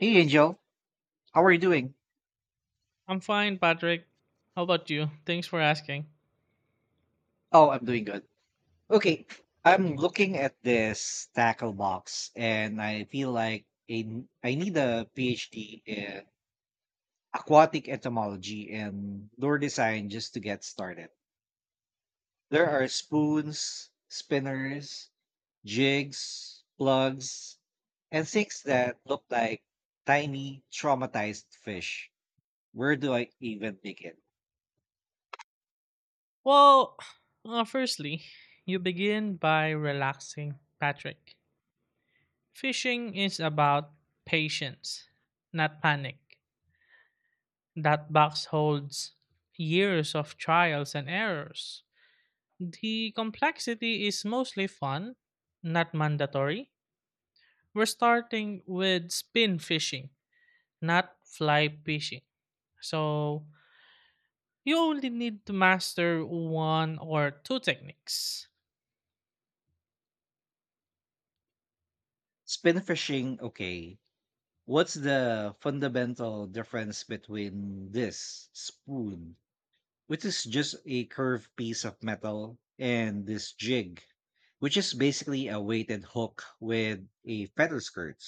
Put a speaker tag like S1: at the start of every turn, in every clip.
S1: Hey Angel, how are you doing?
S2: I'm fine, Patrick. How about you? Thanks for asking.
S1: Oh, I'm doing good. Okay, I'm looking at this tackle box and I feel like I need a PhD in aquatic entomology and lure design just to get started. There are spoons, spinners, jigs, plugs, and things that look like tiny traumatized fish. Where do I even begin?
S2: Well, firstly, you begin by relaxing, Patrick. Fishing is about patience, not panic. That box holds years of trials and errors. The complexity is mostly fun, not mandatory. We're starting with spin fishing, not fly fishing. So you only need to master one or two techniques.
S1: Spin fishing, okay, what's the fundamental difference between this spoon, which is just a curved piece of metal, and this jig, which is basically a weighted hook with a feather skirt?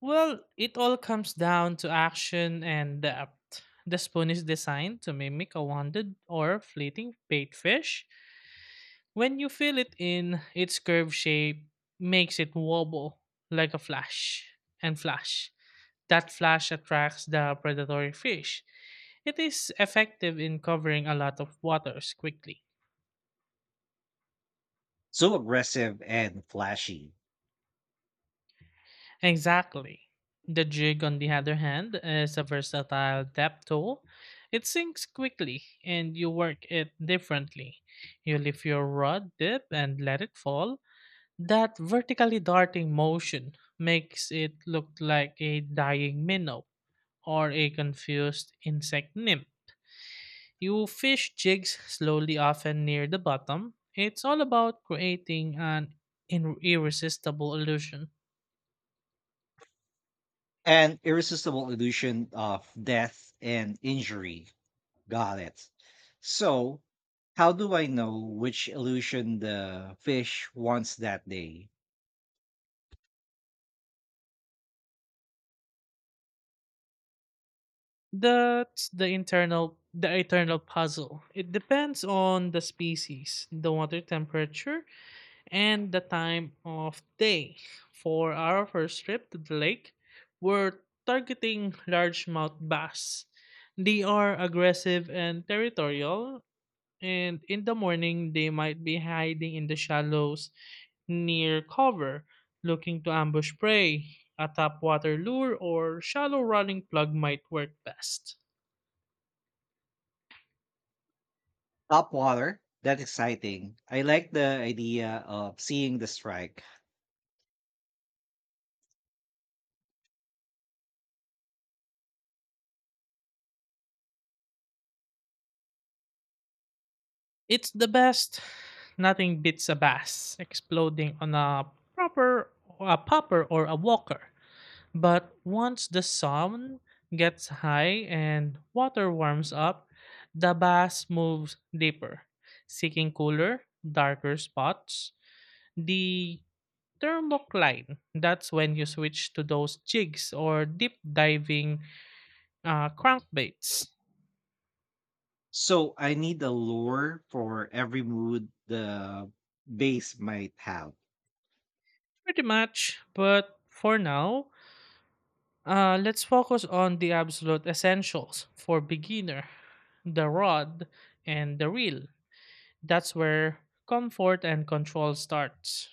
S2: Well, it all comes down to action and depth. The spoon is designed to mimic a wounded or fleeting bait fish. When you fill it in, its curved shape makes it wobble like a flash and flash. That flash attracts the predatory fish. It is effective in covering a lot of waters quickly.
S1: So aggressive and flashy.
S2: Exactly. The jig, on the other hand, is a versatile depth tool. It sinks quickly and you work it differently. You lift your rod, dip, and let it fall. That vertically darting motion makes it look like a dying minnow or a confused insect nymph. You fish jigs slowly often near the bottom. It's all about creating an irresistible illusion.
S1: An irresistible illusion of death and injury. Got it. So, how do I know which illusion the fish wants that day?
S2: That's the eternal puzzle. It depends on the species, the water temperature, and the time of day. For our first trip to the lake, we're targeting largemouth bass. They are aggressive and territorial, and in the morning they might be hiding in the shallows near cover, looking to ambush prey. A tap water lure or shallow running plug might work best.
S1: Top water. That's exciting. I like the idea of seeing the strike.
S2: It's the best. Nothing beats a bass exploding on a popper or a walker. But once the sun gets high and water warms up, the bass moves deeper, seeking cooler, darker spots. The turlock line, that's when you switch to those jigs or deep diving crankbaits.
S1: So I need a lure for every mood the base might have.
S2: Pretty much, but for now, let's focus on the absolute essentials for beginner, the rod and the reel. That's where comfort and control starts.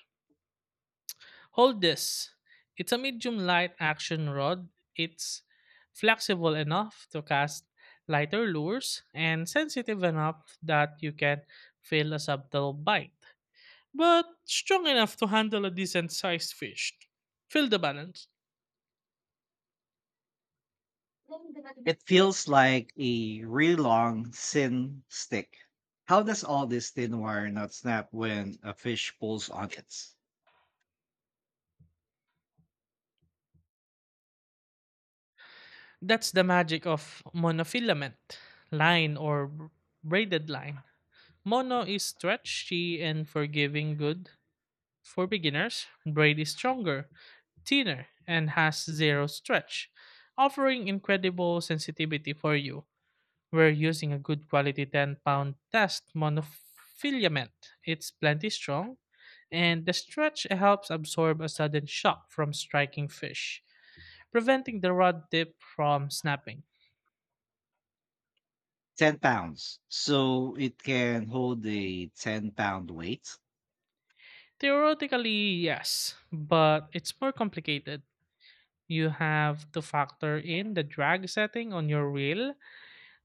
S2: Hold this. It's a medium light action rod. It's flexible enough to cast lighter lures and sensitive enough that you can feel a subtle bite but strong enough to handle a decent sized fish. Fill the balance.
S1: It feels like a really long, thin stick. How does all this thin wire not snap when a fish pulls on it?
S2: That's the magic of monofilament line or braided line. Mono is stretchy and forgiving, good for beginners. Braid is stronger, thinner, and has zero stretch, offering incredible sensitivity for you. We're using a good quality 10 pound test monofilament. It's plenty strong, and the stretch helps absorb a sudden shock from striking fish, preventing the rod tip from snapping.
S1: 10 pounds. So it can hold a 10 pound weight.
S2: Theoretically, yes, but it's more complicated. You have to factor in the drag setting on your reel.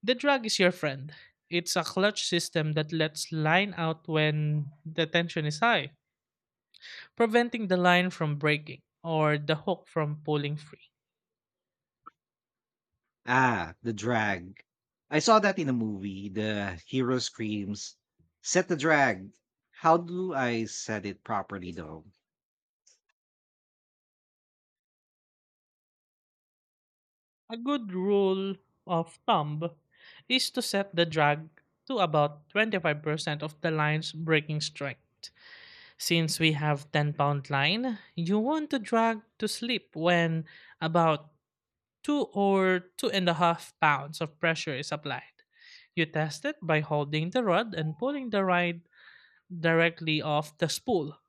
S2: The drag is your friend. It's a clutch system that lets line out when the tension is high, preventing the line from breaking or the hook from pulling free.
S1: Ah, the drag. I saw that in a movie. The hero screams, "Set the drag." How do I set it properly though?
S2: A good rule of thumb is to set the drag to about 25% of the line's breaking strength. Since we have 10 pound line, you want to drag to slip when about 2 or 2.5 pounds of pressure is applied. You test it by holding the rod and pulling the rod directly off the spool.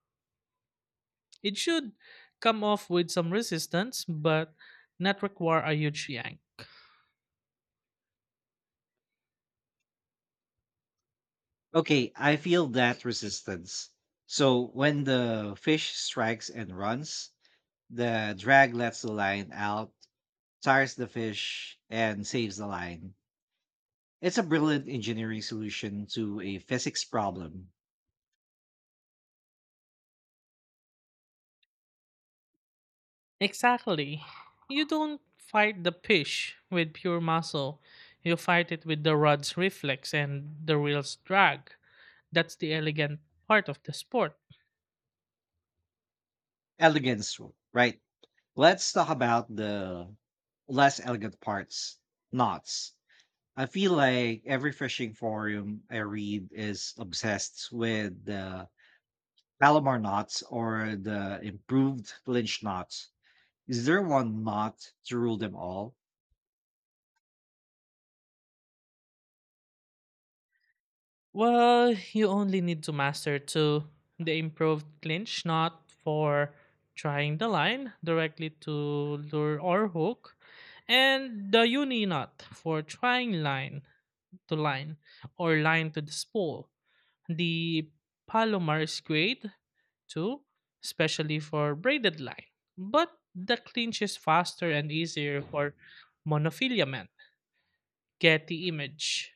S2: It should come off with some resistance, but not require a huge yank.
S1: Okay, I feel that resistance. So when the fish strikes and runs, the drag lets the line out, tires the fish, and saves the line. It's a brilliant engineering solution to a physics problem.
S2: Exactly. You don't fight the fish with pure muscle. You fight it with the rod's reflex and the reel's drag. That's the elegant part of the sport.
S1: Elegance, right? Let's talk about the less elegant parts, knots. I feel like every fishing forum I read is obsessed with the Palomar knots or the improved clinch knots. Is there one knot to rule them all?
S2: Well, you only need to master two. The improved clinch, not for trying the line directly to lure or hook, and the uni knot for trying line to line or line to the spool. The palomar is great too, especially for braided line, but the clinch is faster and easier for monofilament. Get the image.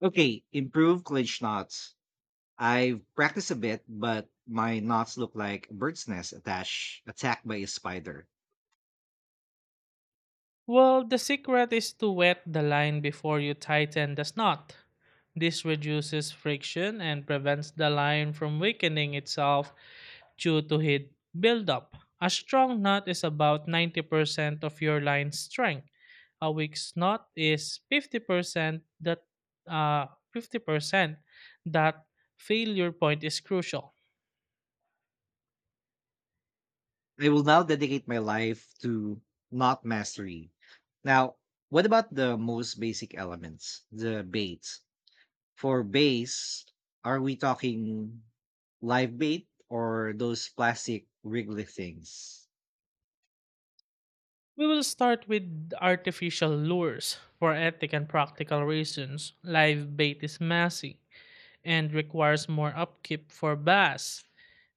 S1: Okay, improved clinch knots. I've practiced a bit, but my knots look like a bird's nest attached attacked by a spider.
S2: Well, the secret is to wet the line before you tighten the knot. This reduces friction and prevents the line from weakening itself due to heat buildup. A strong knot is about 90% of your line strength. A weak knot is 50% that uh, 50% that failure point is crucial.
S1: I will now dedicate my life to not mastery. Now, what about the most basic elements, the baits? For baits, are we talking live bait or those plastic wriggly things?
S2: We will start with artificial lures. For ethic and practical reasons, live bait is messy and requires more upkeep for bass.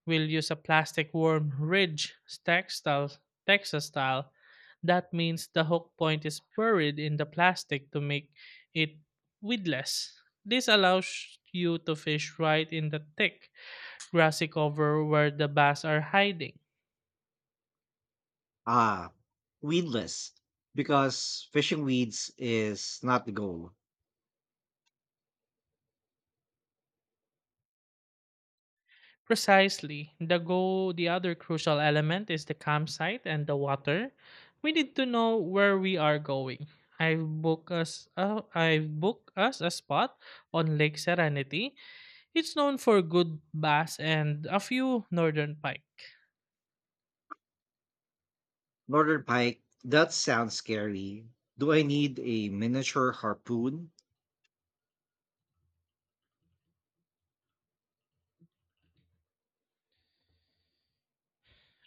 S2: We'll use a plastic worm ridge, textile, Texas style. That means the hook point is buried in the plastic to make it weedless. This allows you to fish right in the thick, grassy cover where the bass are hiding.
S1: Ah, weedless, because fishing weeds is not the goal.
S2: Precisely. The other crucial element is the campsite and the water. We need to know where we are going. I've booked us a spot on Lake Serenity. It's known for good bass and a few northern pike.
S1: Northern pike, that sounds scary. Do I need a miniature harpoon,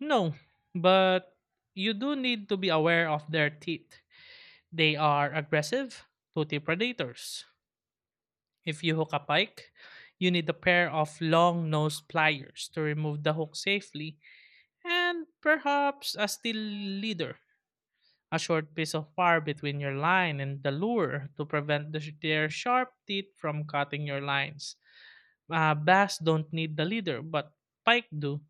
S2: No, but you do need to be aware of their teeth. They are aggressive, toothy predators. If you hook a pike, you need a pair of long nosed pliers to remove the hook safely and perhaps a still leader, a short piece of wire between your line and the lure to prevent their sharp teeth from cutting your lines. Bass don't need the leader, but pike do.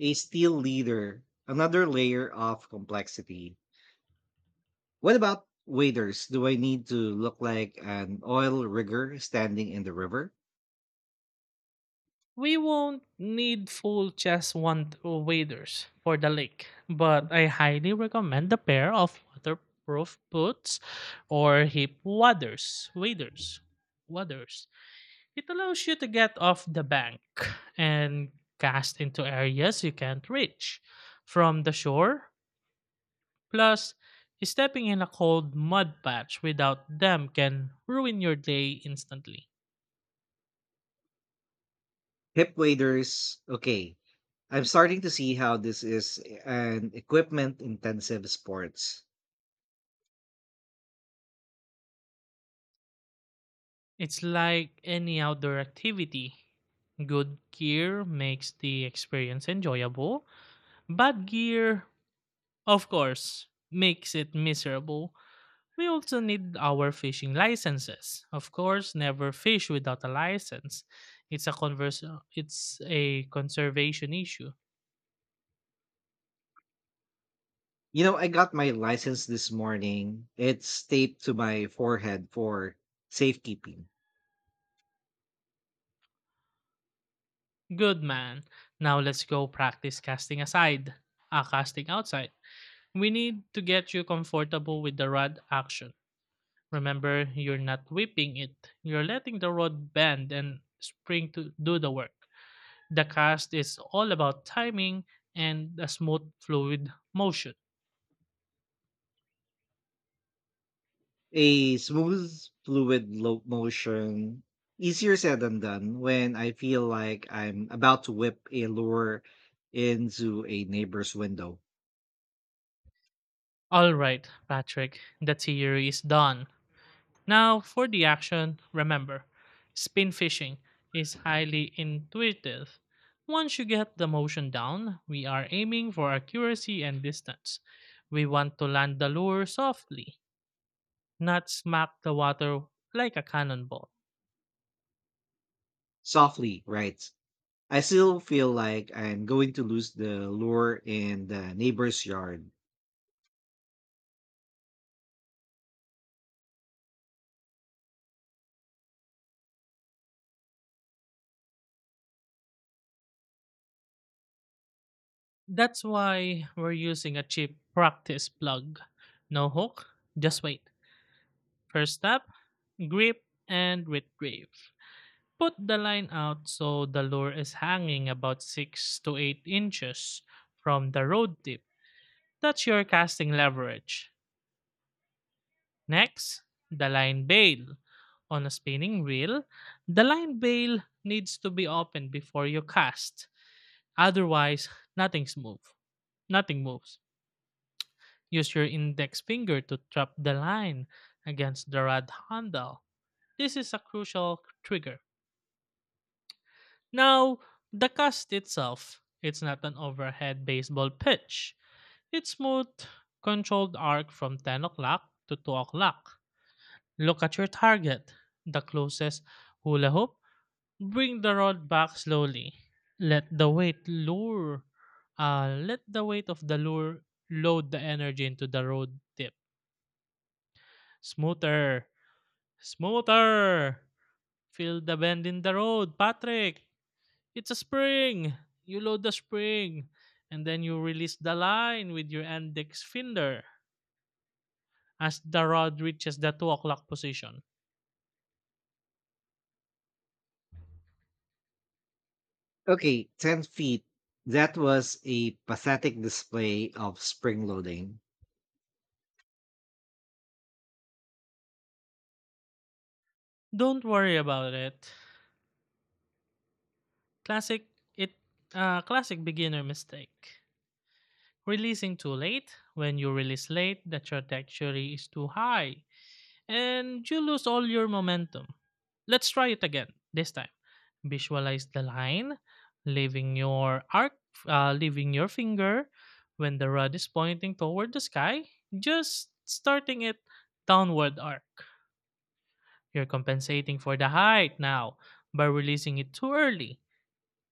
S1: a steel leader, another layer of complexity? What about waders? Do I need to look like an oil rigger standing in the river?
S2: We won't need full chest want waders for the lake, but I highly recommend a pair of waterproof boots or hip waders. It allows you to get off the bank and cast into areas you can't reach from the shore. Plus, stepping in a cold mud patch without them can ruin your day instantly.
S1: Hip waders, okay. I'm starting to see how this is an equipment intensive sports.
S2: It's like any outdoor activity. Good gear makes the experience enjoyable. Bad gear, of course, makes it miserable. We also need our fishing licenses. Of course, never fish without a license. It's a converse, it's a conservation issue.
S1: You know, I got my license this morning. It's taped to my forehead for safekeeping.
S2: Good man. Now let's go practice casting aside. Casting outside. We need to get you comfortable with the rod action. Remember, you're not whipping it. You're letting the rod bend and spring to do the work. The cast is all about timing and a smooth fluid motion.
S1: A smooth, fluid motion, easier said than done when I feel like I'm about to whip a lure into a neighbor's window.
S2: All right, Patrick, the theory is done. Now for the action, remember, spin fishing is highly intuitive. Once you get the motion down, we are aiming for accuracy and distance. We want to land the lure softly, not smack the water like a cannonball.
S1: Softly right? I still feel like I'm going to lose the lure in the neighbor's yard.
S2: That's why we're using a cheap practice plug. No hook, just wait. First step, grip and retrieve. Put the line out so the lure is hanging about 6 to 8 inches from the rod tip. That's your casting leverage. Next, the line bail. On a spinning reel, the line bail needs to be opened before you cast. Otherwise, nothing's move. Nothing moves. Use your index finger to trap the line against the rod handle. This is a crucial trigger. Now, the cast itself, it's not an overhead baseball pitch. It's smooth, controlled arc from 10 o'clock to 2 o'clock. Look at your target, the closest hula hoop. Bring the rod back slowly. Let the weight lure, let the weight of the lure load the energy into the road tip. Smoother, smoother. Feel the bend in the road, Patrick. It's a spring. You load the spring and then you release the line with your index finger as the rod reaches the 2 o'clock position.
S1: Okay, 10 feet. That was a pathetic display of spring loading.
S2: Don't worry about it. Classic it classic beginner mistake. Releasing too late. When you release late, the trajectory is too high, and you lose all your momentum. Let's try it again this time. Visualize the line, leaving your arc, leaving your finger when the rod is pointing toward the sky, just starting it downward arc. You're compensating for the height now by releasing it too early.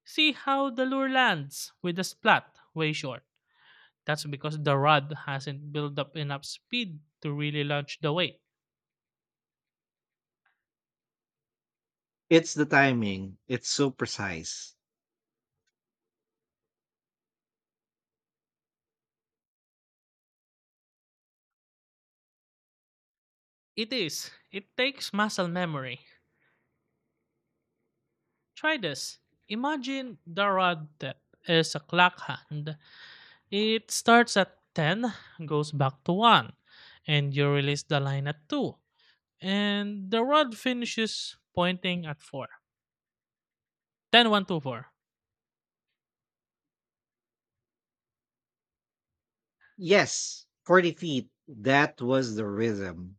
S2: See how the lure lands with a splat way short. That's because the rod hasn't built up enough speed to really launch the weight.
S1: It's the timing, it's so precise.
S2: It is. It takes muscle memory. Try this. Imagine the rod that is a clock hand. It starts at 10, goes back to 1, and you release the line at 2. And the rod finishes pointing at 4. 10, one, two, four.
S1: Yes, 40 feet. That was the rhythm.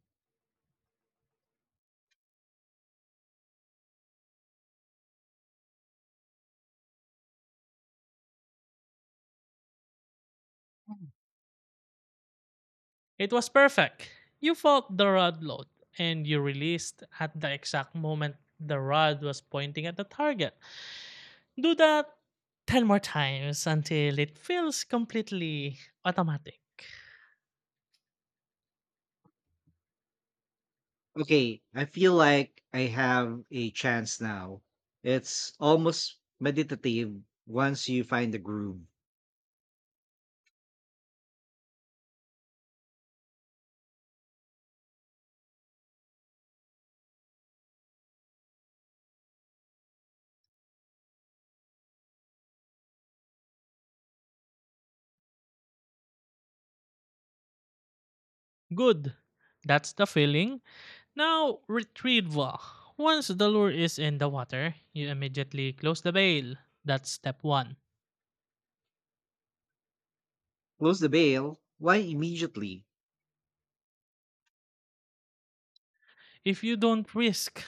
S2: It was perfect. You felt the rod load, and you released at the exact moment the rod was pointing at the target. Do that 10 more times until it feels completely automatic.
S1: Okay, I feel like I have a chance now. It's almost meditative once you find the groove.
S2: Good. That's the feeling. Now retrieval. Once the lure is in the water, you immediately close the bail. That's step 1.
S1: Close the bail. Why immediately?
S2: If you don't risk,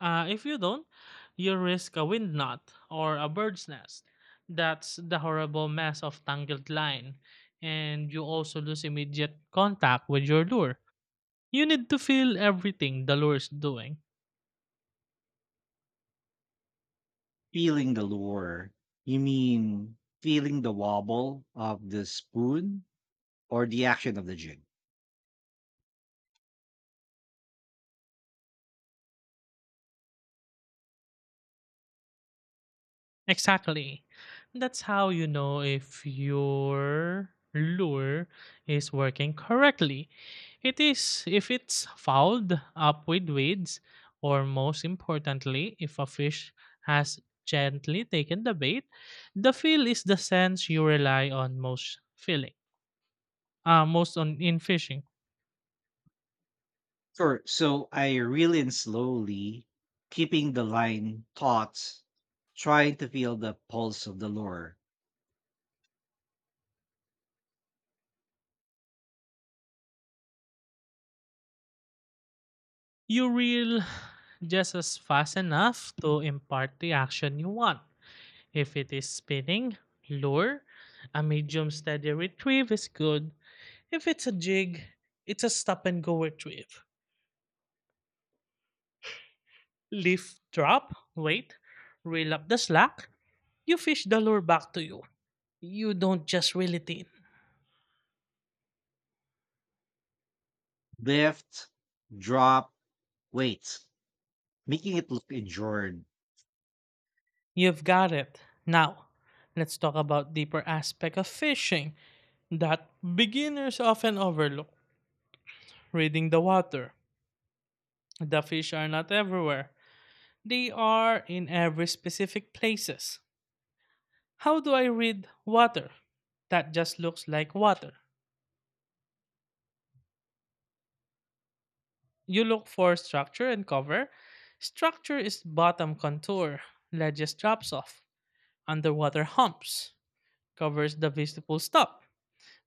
S2: if you don't, you risk a wind knot or a bird's nest. That's the horrible mess of tangled line, and you also lose immediate contact with your lure. You need to feel everything the lure is doing.
S1: Feeling the lure. You mean feeling the wobble of the spoon or the action of the jig?
S2: Exactly. That's how you know if your lure is working correctly. It is if it's fouled up with weeds, or most importantly, if a fish has gently taken the bait. The feel is the sense you rely on most on in fishing.
S1: Sure. So I reel in slowly, keeping the line taut, trying to feel the pulse of the lure.
S2: You reel just as fast enough to impart the action you want. If it is spinning, lure, a medium steady retrieve is good. If it's a jig, it's a stop and go retrieve. Lift, drop, wait, reel up the slack, you fish the lure back to you. You don't just reel it in.
S1: Lift, drop, weight, making it look endured.
S2: You've got it. Now, let's talk about deeper aspect of fishing that beginners often overlook. Reading the water. The fish are not everywhere. They are in every specific places. How do I read water? That just looks like water. You look for structure and cover. Structure is bottom contour, ledges drops off, underwater humps, covers the visible stop,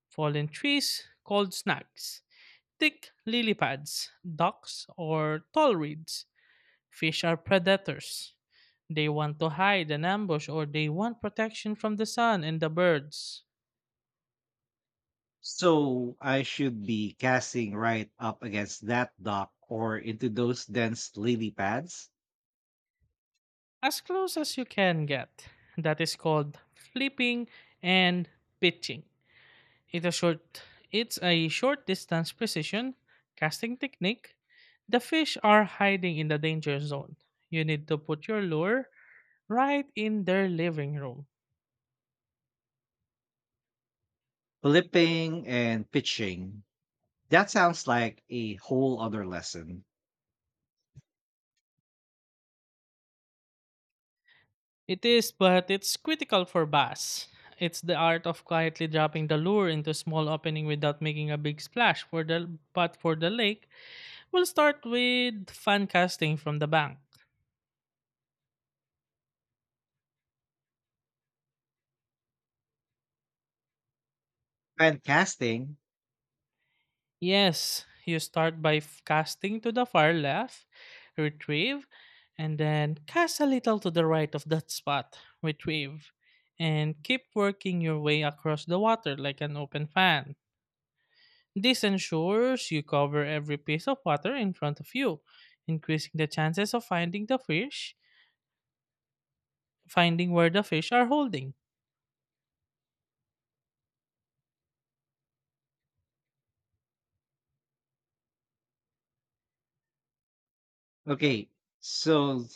S2: fallen trees, cold snags, thick lily pads, docks, or tall reeds. Fish are predators. They want to hide and ambush, or they want protection from the sun and the birds.
S1: So I should be casting right up against that dock or into those dense lily pads,
S2: As close as you can get. That is called flipping and pitching. It's a short it's a short distance precision casting technique. The fish are hiding in the danger zone. You need to put your lure right in their living room.
S1: flipping and pitching. That sounds like a whole other lesson.
S2: It is, but it's critical for bass. It's the art of quietly dropping the lure into a small opening without making a big splash for the but for the lake. We'll start with fan casting from the bank.
S1: And casting.
S2: Yes, you start by casting to the far left, retrieve, and then cast a little to the right of that spot, retrieve, and keep working your way across the water like an open fan. This ensures you cover every piece of water in front of you, increasing the chances of finding the fish, finding where the fish are holding.
S1: Okay, so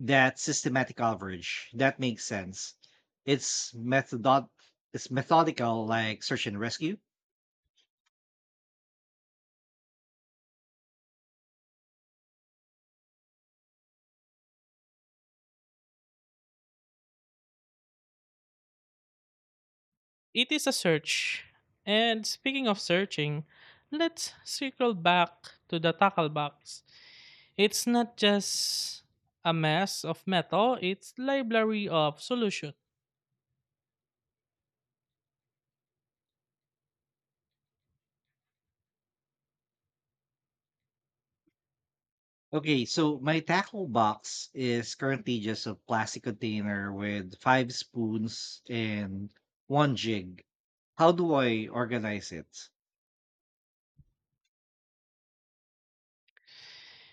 S1: that systematic coverage, that makes sense. It's methodod it's methodical like search and rescue.
S2: It is a search. And speaking of searching, let's circle back to the tackle box. It's not just a mess of metal, it's library of solution.
S1: Okay, so my tackle box is currently just a plastic container with five spoons and one jig. How do I organize it?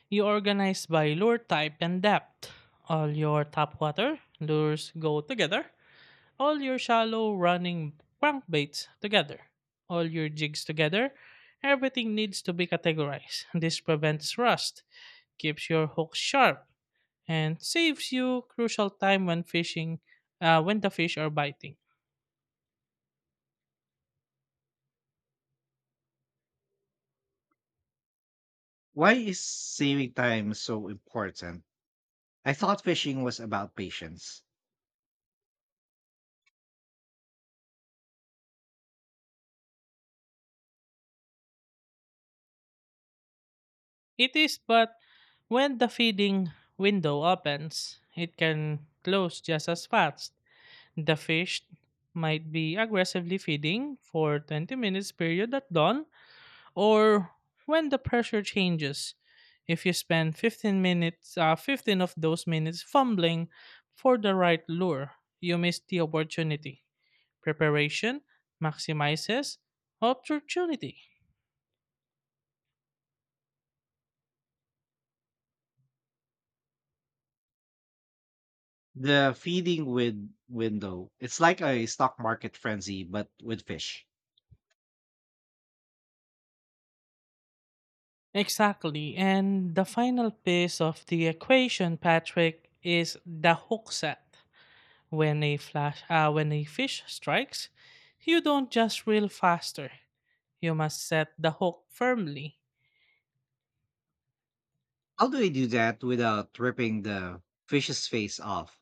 S2: You organize by lure type and depth. All your top water lures go together. All your shallow running crankbaits together. All your jigs together. Everything needs to be categorized. This prevents rust, keeps your hooks sharp, and saves you crucial time when fishing when the fish are biting.
S1: Why is saving time so important? I thought fishing was about patience.
S2: It is, but when the feeding window opens, it can close just as fast. The fish might be aggressively feeding for 20 minutes period at dawn or when the pressure changes. If you spend 15 minutes, 15 of those minutes fumbling for the right lure, you miss the opportunity. Preparation maximizes opportunity.
S1: The feeding with window, it's like a stock market frenzy, but with fish.
S2: Exactly. And the final piece of the equation, Patrick, is the hook set. When a fish strikes, you don't just reel faster. You must set the hook firmly.
S1: How do I do that without ripping the fish's face off?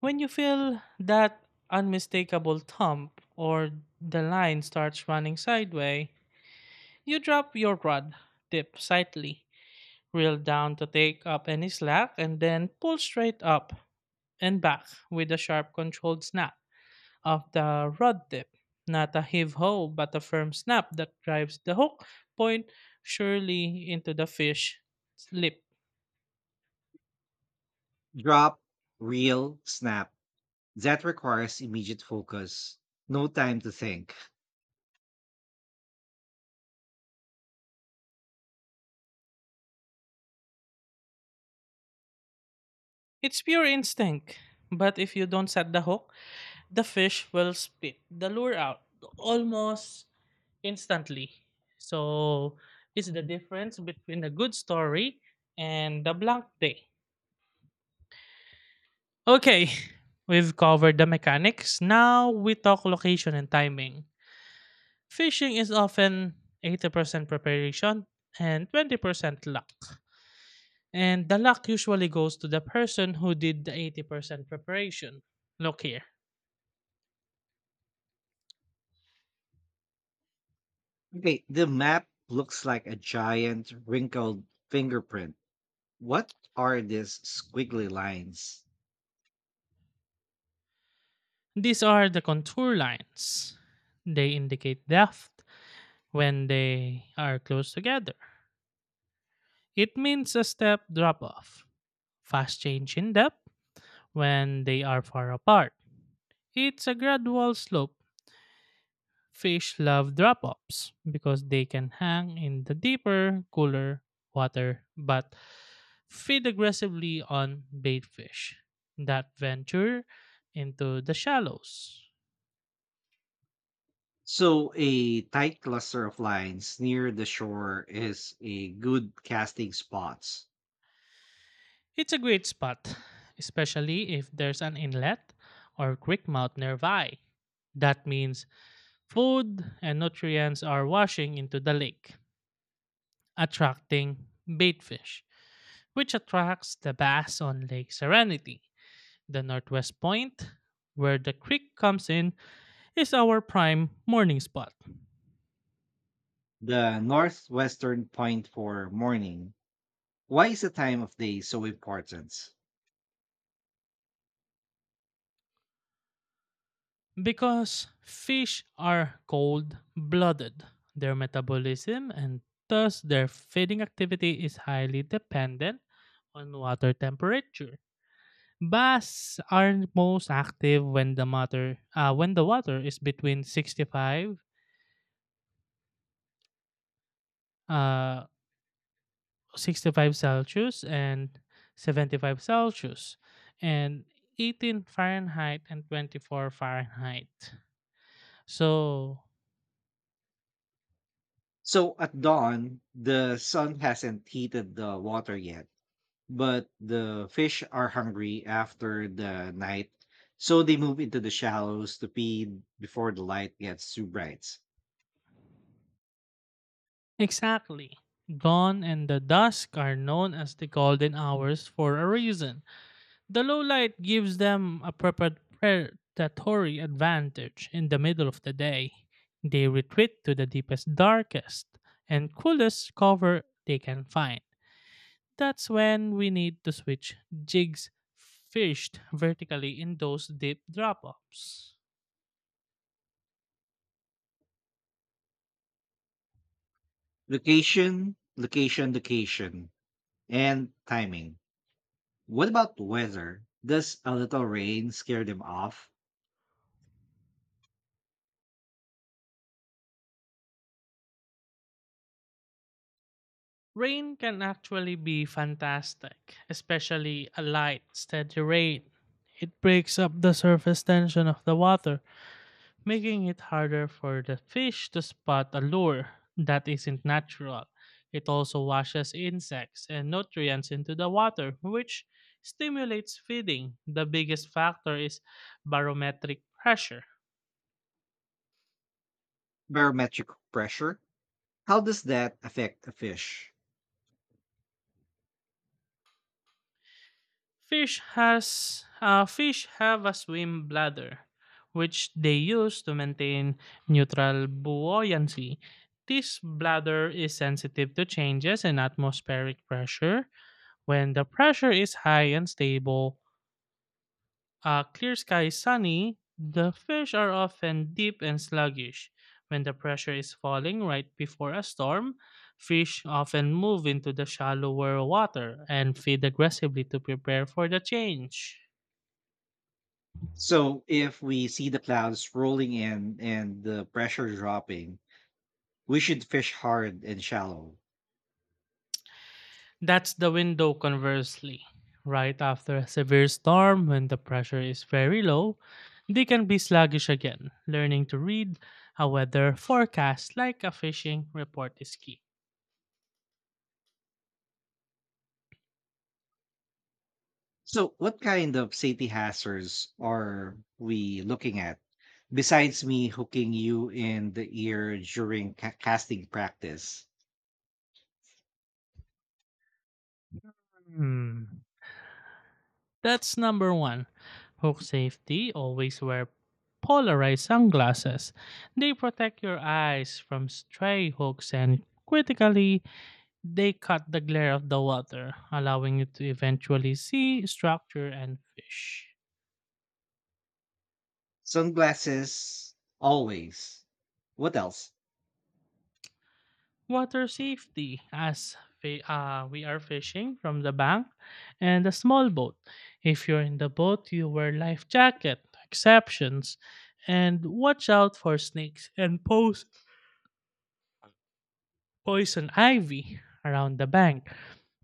S2: When you feel that unmistakable thump or the line starts running sideways, you drop your rod, dip slightly, reel down to take up any slack, and then pull straight up and back with a sharp, controlled snap of the rod dip. Not a heave ho, but a firm snap that drives the hook point surely into the fish's lip.
S1: Drop, reel, snap. That requires immediate focus, no time to think.
S2: It's pure instinct, but if you don't set the hook, the fish will spit the lure out almost instantly. So it's the difference between a good story and a blank day. Okay, we've covered the mechanics. Now we talk location and timing. Fishing is often 80% preparation and 20% luck. And the luck usually goes to the person who did the 80% preparation. Look here.
S1: Okay, the map looks like a giant wrinkled fingerprint. What are these squiggly lines?
S2: These are the contour lines. They indicate depth, when they are close together. It means a step drop off, fast change in depth when they are far apart. It's a gradual slope. Fish love drop offs because they can hang in the deeper, cooler water but feed aggressively on bait fish that venture into the shallows.
S1: So, a tight cluster of lines near the shore is a good casting spot.
S2: It's a great spot, especially if there's an inlet or creek mouth nearby. That means food and nutrients are washing into the lake, attracting baitfish, which attracts the bass on Lake Serenity. The northwest point, where the creek comes in, is our prime morning spot.
S1: The northwestern point for morning. Why is the time of day so important?
S2: Because fish are cold blooded, their metabolism and thus their feeding activity is highly dependent on water temperature. Bass are most active when the water is between 65 uh 65 Celsius and 75 Celsius and 18 Fahrenheit and 24 Fahrenheit. So
S1: So, at dawn, the sun hasn't heated the water yet. But the fish are hungry after the night, so they move into the shallows to feed before the light gets too bright.
S2: exactly. Dawn and the dusk are known as the golden hours for a reason. The low light gives them a predatory advantage in the middle of the day. They retreat to the deepest, darkest, and coolest cover they can find. That's when we need to switch jigs fished vertically in those deep drop offs.
S1: Location, location, location, and timing. What about weather? Does a little rain scare them off?
S2: Rain can actually be fantastic, especially a light, steady rain. It breaks up the surface tension of the water making it harder for the fish to spot a lure that isn't natural. It also washes insects and nutrients into the water, which stimulates feeding. The biggest factor is barometric pressure.
S1: Barometric pressure? How does that affect a fish?
S2: Fish have a swim bladder, which they use to maintain neutral buoyancy. This bladder is sensitive to changes in atmospheric pressure. When the pressure is high and stable, a clear sky is sunny, the fish are often deep and sluggish. When the pressure is falling right before a storm, fish often move into the shallower water and feed aggressively to prepare for the change.
S1: So, if we see the clouds rolling in and the pressure dropping, we should fish hard and shallow.
S2: That's the window conversely. Right after a severe storm, when the pressure is very low, they can be sluggish again. Learning to read a weather forecast like a fishing report is key.
S1: So, what kind of safety hazards are we looking at besides me hooking you in the ear during casting practice?
S2: Hmm. That's number one. Hook safety always wear polarized sunglasses. They protect your eyes from stray hooks and critically, they cut the glare of the water, allowing you to eventually see structure and fish.
S1: Sunglasses, always. What else?
S2: Water safety as we are fishing from the bank and a small boat. If you're in the boat, you wear life jacket, exceptions, and watch out for snakes and poles poison ivy around the bank,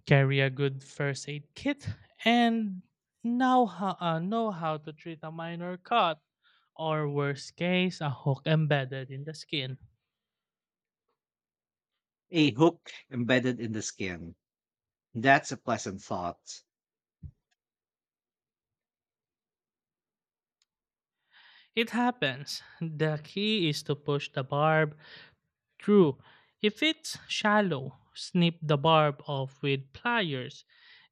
S2: carry a good first aid kit, and know how to treat a minor cut or, worst case, a hook embedded in the skin.
S1: A hook embedded in the skin. That's a pleasant thought.
S2: It happens. The key is to push the barb true. If it's shallow, snip the barb off with pliers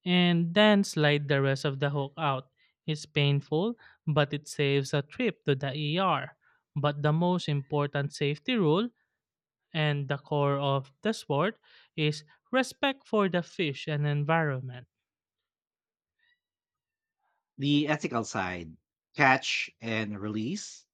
S2: and then slide the rest of the hook out. It's painful, but it saves a trip to the ER. But the most important safety rule and the core of the sport is respect for the fish and environment.
S1: The ethical side. Catch and release.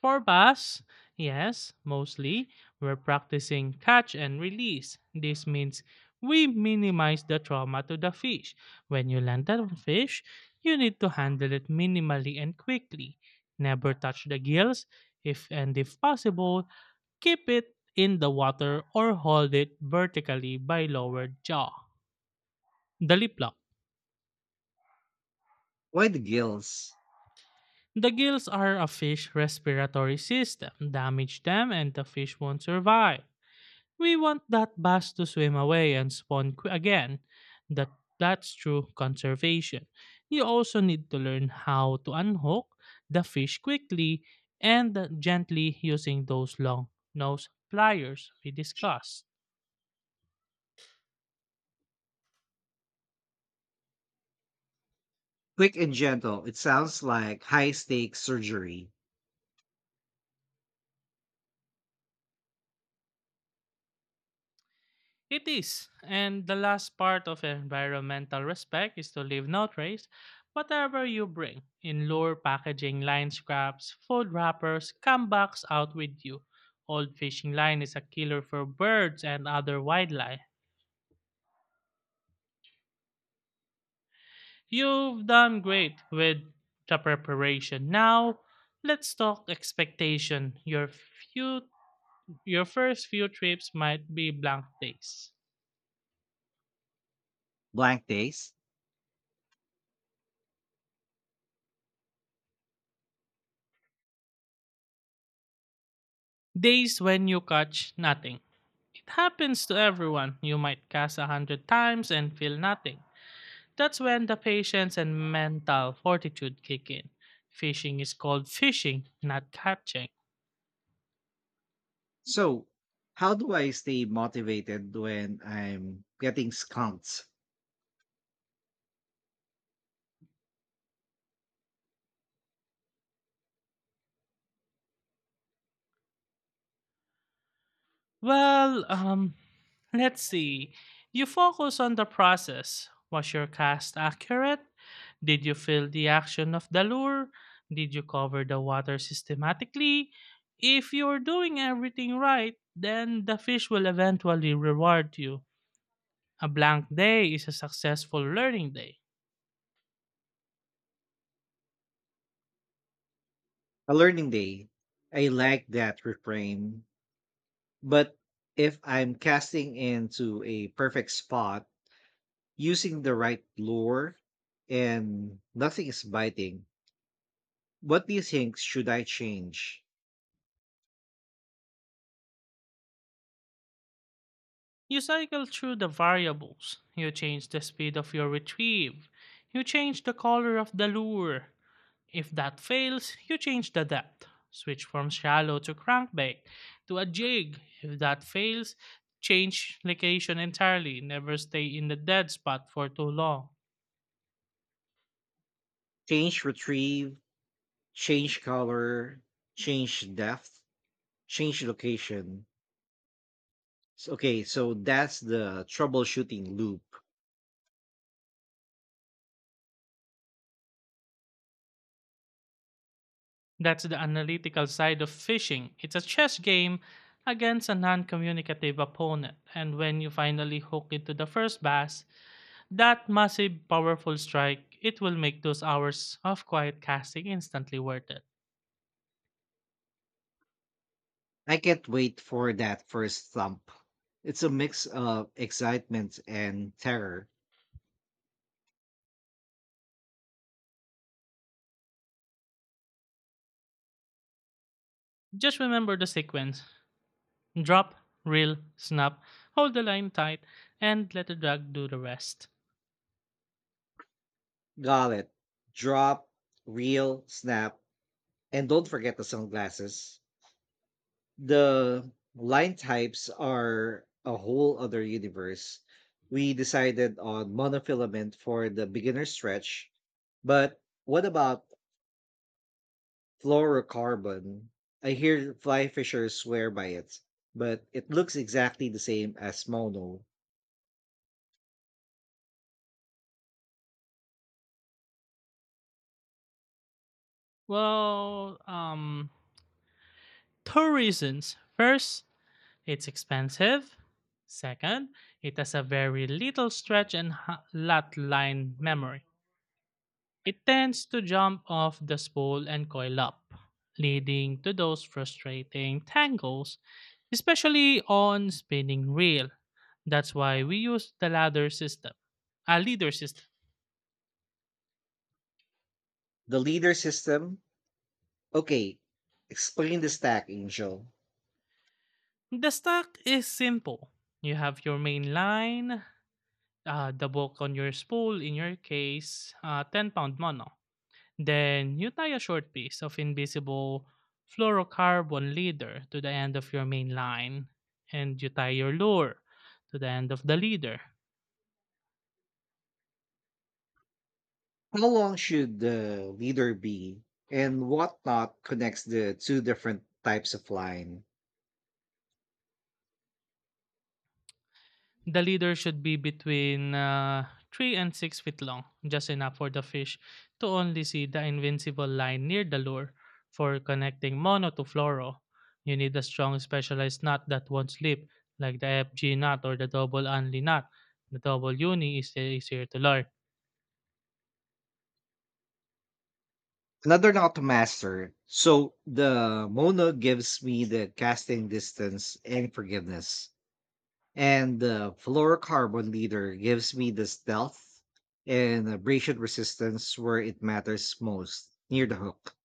S2: For bass, yes, mostly, we're practicing catch and release. This means we minimize the trauma to the fish. When you land a fish, you need to handle it minimally and quickly. Never touch the gills. If and if possible, keep it in the water or hold it vertically by lowered jaw. The lip lock.
S1: Why the gills?
S2: The gills are a fish respiratory system. Damage them and the fish won't survive. We want that bass to swim away and spawn again. That that's true conservation. You also need to learn how to unhook the fish quickly and gently using those long nose pliers we discussed.
S1: Quick and gentle. It sounds like high stakes surgery.
S2: It is, and the last part of environmental respect is to leave no trace, whatever you bring, in lure, packaging, line scraps, food wrappers, come box out with you. Old fishing line is a killer for birds and other wildlife. You've done great with the preparation. Now, let's talk expectation. Few, your first few trips might be blank days.
S1: Blank days.
S2: Days when you catch nothing. It happens to everyone. You might cast a hundred times and feel nothing. That's when the patience and mental fortitude kick in. Fishing is called fishing, not catching.
S1: So, how do I stay motivated when I'm getting skunked?
S2: Well, um, let's see. You focus on the process. Was your cast accurate? Did you feel the action of the lure? Did you cover the water systematically? If you're doing everything right, then the fish will eventually reward you. A blank day is a successful learning day.
S1: A learning day. I like that refrain. But if I'm casting into a perfect spot using the right lure and nothing is biting, what do you think should I change?
S2: You cycle through the variables. You change the speed of your retrieve. You change the color of the lure. If that fails, you change the depth. Switch from shallow to crankbait to a jig. If that fails, change location entirely. Never stay in the dead spot for too long.
S1: Change retrieve, change color, change depth, change location. Okay, so that's the troubleshooting loop.
S2: That's the analytical side of fishing. It's a chess game against a non communicative opponent, and when you finally hook into the first bass, that massive, powerful strike, it will make those hours of quiet casting instantly worth it.
S1: I can't wait for that first thump. It's a mix of excitement and terror.
S2: Just remember the sequence drop, reel, snap, hold the line tight, and let the drag do the rest.
S1: Gullet, drop, reel, snap, and don't forget the sunglasses. The line types are a whole other universe. We decided on monofilament for the beginner stretch, but what about fluorocarbon? I hear fly fishers swear by it, but it looks exactly the same as mono.
S2: Well, um, two reasons. First, it's expensive. Second, it has a very little stretch and lot line memory. It tends to jump off the spool and coil up, leading to those frustrating tangles, especially on spinning reel. That's why we use the ladder system, a leader system.
S1: The leader system. Okay, explain the stack, Angel.
S2: The stack is simple. You have your main line, the book on your spool, in your case, 10 pound mono. Then you tie a short piece of invisible fluorocarbon leader to the end of your main line, and you tie your lure to the end of the leader.
S1: How long should the leader be, and what knot connects the two different types of line?
S2: The leader should be between 3 and 6 feet long, just enough for the fish to only see the invincible line near the lure. For connecting mono to fluoro, you need a strong specialized knot that won't slip, like the FG knot or the double only knot. The double uni is easier to learn.
S1: Another knot to master. So the mono gives me the casting distance and forgiveness, and the fluorocarbon leader gives me the stealth and abrasion resistance where it matters most near the hook.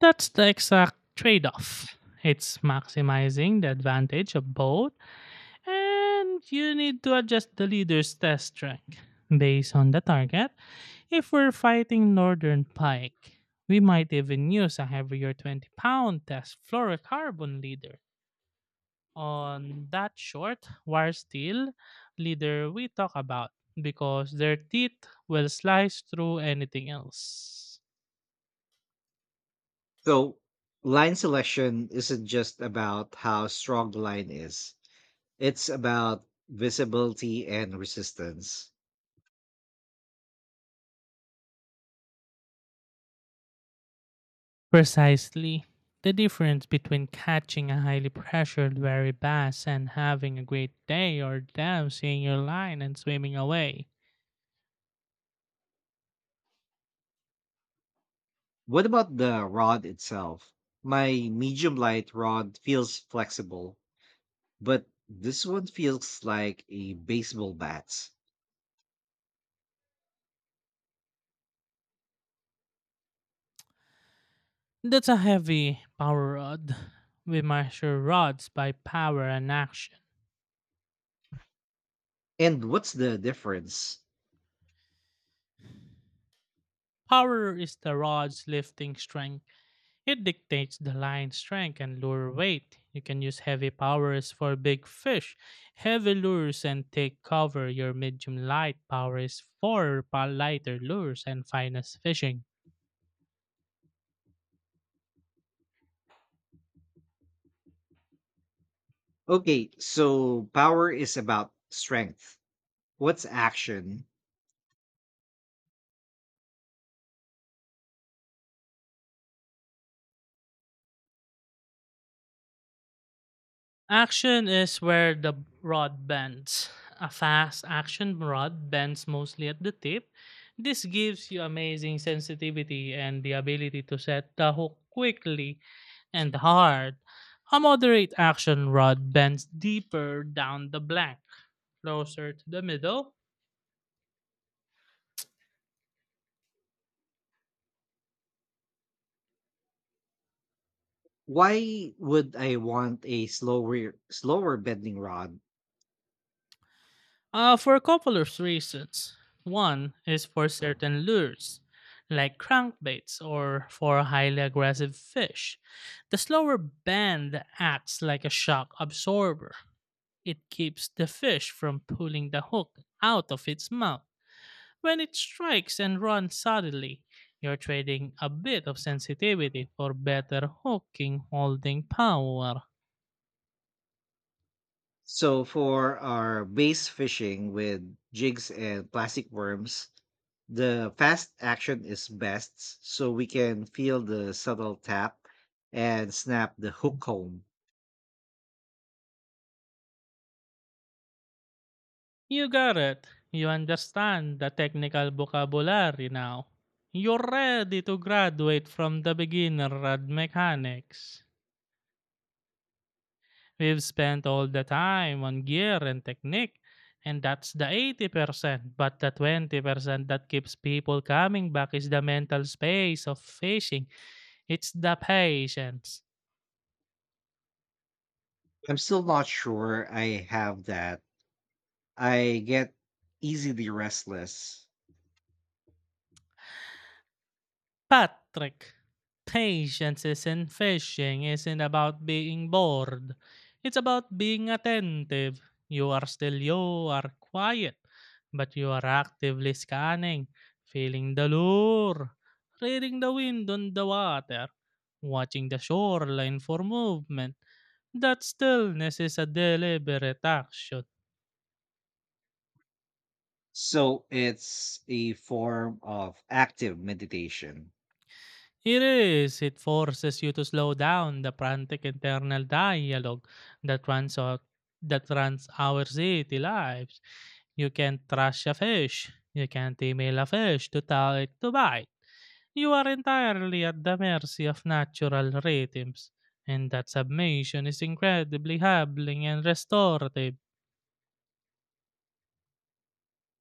S2: That's the exact trade off. It's maximizing the advantage of both, and you need to adjust the leader's test track based on the target. If we're fighting Northern Pike, we might even use a heavier 20 pound test fluorocarbon leader on that short wire steel leader we talk about because their teeth will slice through anything else.
S1: So line selection isn't just about how strong the line is. It's about visibility and resistance.
S2: Precisely. The difference between catching a highly pressured wary bass and having a great day or them seeing your line and swimming away.
S1: What about the rod itself? My medium light rod feels flexible, but this one feels like a baseball bat.
S2: That's a heavy power rod. We measure rods by power and action.
S1: And what's the difference?
S2: Power is the rod's lifting strength. It dictates the line strength and lure weight. You can use heavy powers for big fish, heavy lures, and take cover. Your medium light power is for lighter lures and finest fishing.
S1: Okay, so power is about strength. What's action?
S2: Action is where the rod bends. A fast action rod bends mostly at the tip. This gives you amazing sensitivity and the ability to set the hook quickly and hard. A moderate action rod bends deeper down the blank, closer to the middle.
S1: Why would I want a slower bending rod?
S2: For a couple of reasons. One is for certain lures, like crankbaits or for highly aggressive fish. The slower bend acts like a shock absorber. It keeps the fish from pulling the hook out of its mouth. When it strikes and runs suddenly, you're trading a bit of sensitivity for better hooking holding power.
S1: So for our bass fishing with jigs and plastic worms, the fast action is best so we can feel the subtle tap and snap the hook home.
S2: You got it. You understand the technical vocabulary now. You're ready to graduate from the beginner rad mechanics. We've spent all the time on gear and technique, and that's the 80%. But the 20% that keeps people coming back is the mental space of fishing. It's the patience.
S1: I'm still not sure I have that. I get easily restless.
S2: Patrick, patience isn't fishing, isn't about being bored. It's about being attentive. You are quiet, but you are actively scanning, feeling the lure, reading the wind on the water, watching the shoreline for movement. That stillness is a deliberate action.
S1: So it's a form of active meditation.
S2: It is. It forces you to slow down the frantic internal dialogue that runs out, that runs our city lives. You can't trash a fish. You can't email a fish to tell it to bite. You are entirely at the mercy of natural rhythms, and that submission is incredibly humbling and restorative.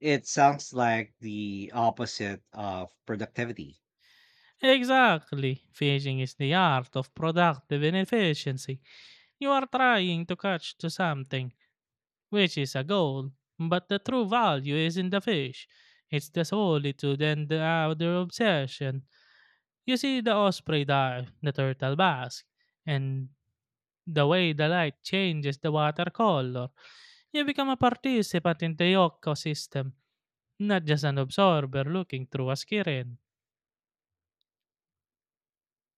S1: It sounds like the opposite of productivity.
S2: Exactly. Fishing is the art of productive inefficiency. You are trying to catch to something, which is a goal, but the true value is in the fish. It's the solitude and the other obsession. You see the osprey dive, the turtle bask, and the way the light changes the water color. You become a participant in the ecosystem, not just an observer looking through a screen.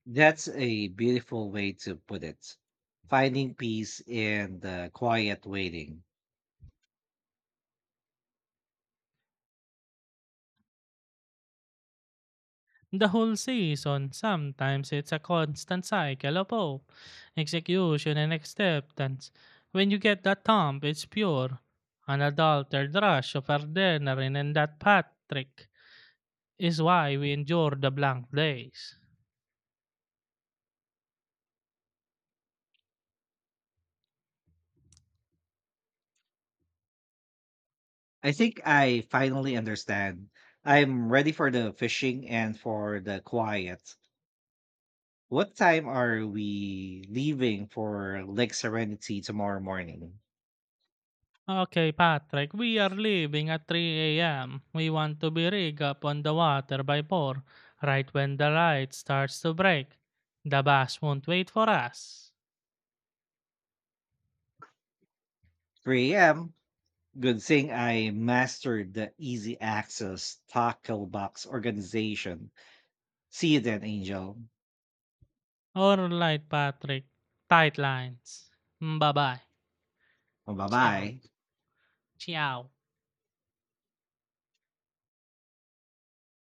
S1: That's a beautiful way to put it. Finding peace in the quiet waiting.
S2: The whole season, sometimes it's a constant cycle of hope, execution, and acceptance. When you get that thump, it's pure, unadulterated rush of adrenaline, and that, Patrick, is why we endure the blank days.
S1: I think I finally understand. I'm ready for the fishing and for the quiet. What time are we leaving for Lake Serenity tomorrow morning?
S2: Okay, Patrick, we are leaving at 3 a.m. We want to be rigged up on the water by 4, right when the light starts to break. The bus won't wait for us.
S1: 3 a.m. Good thing I mastered the easy access tackle box organization. See you then, Angel.
S2: Alright, Patrick. Tight lines. Bye-bye.
S1: Bye
S2: Ciao,
S1: bye.
S2: ciao.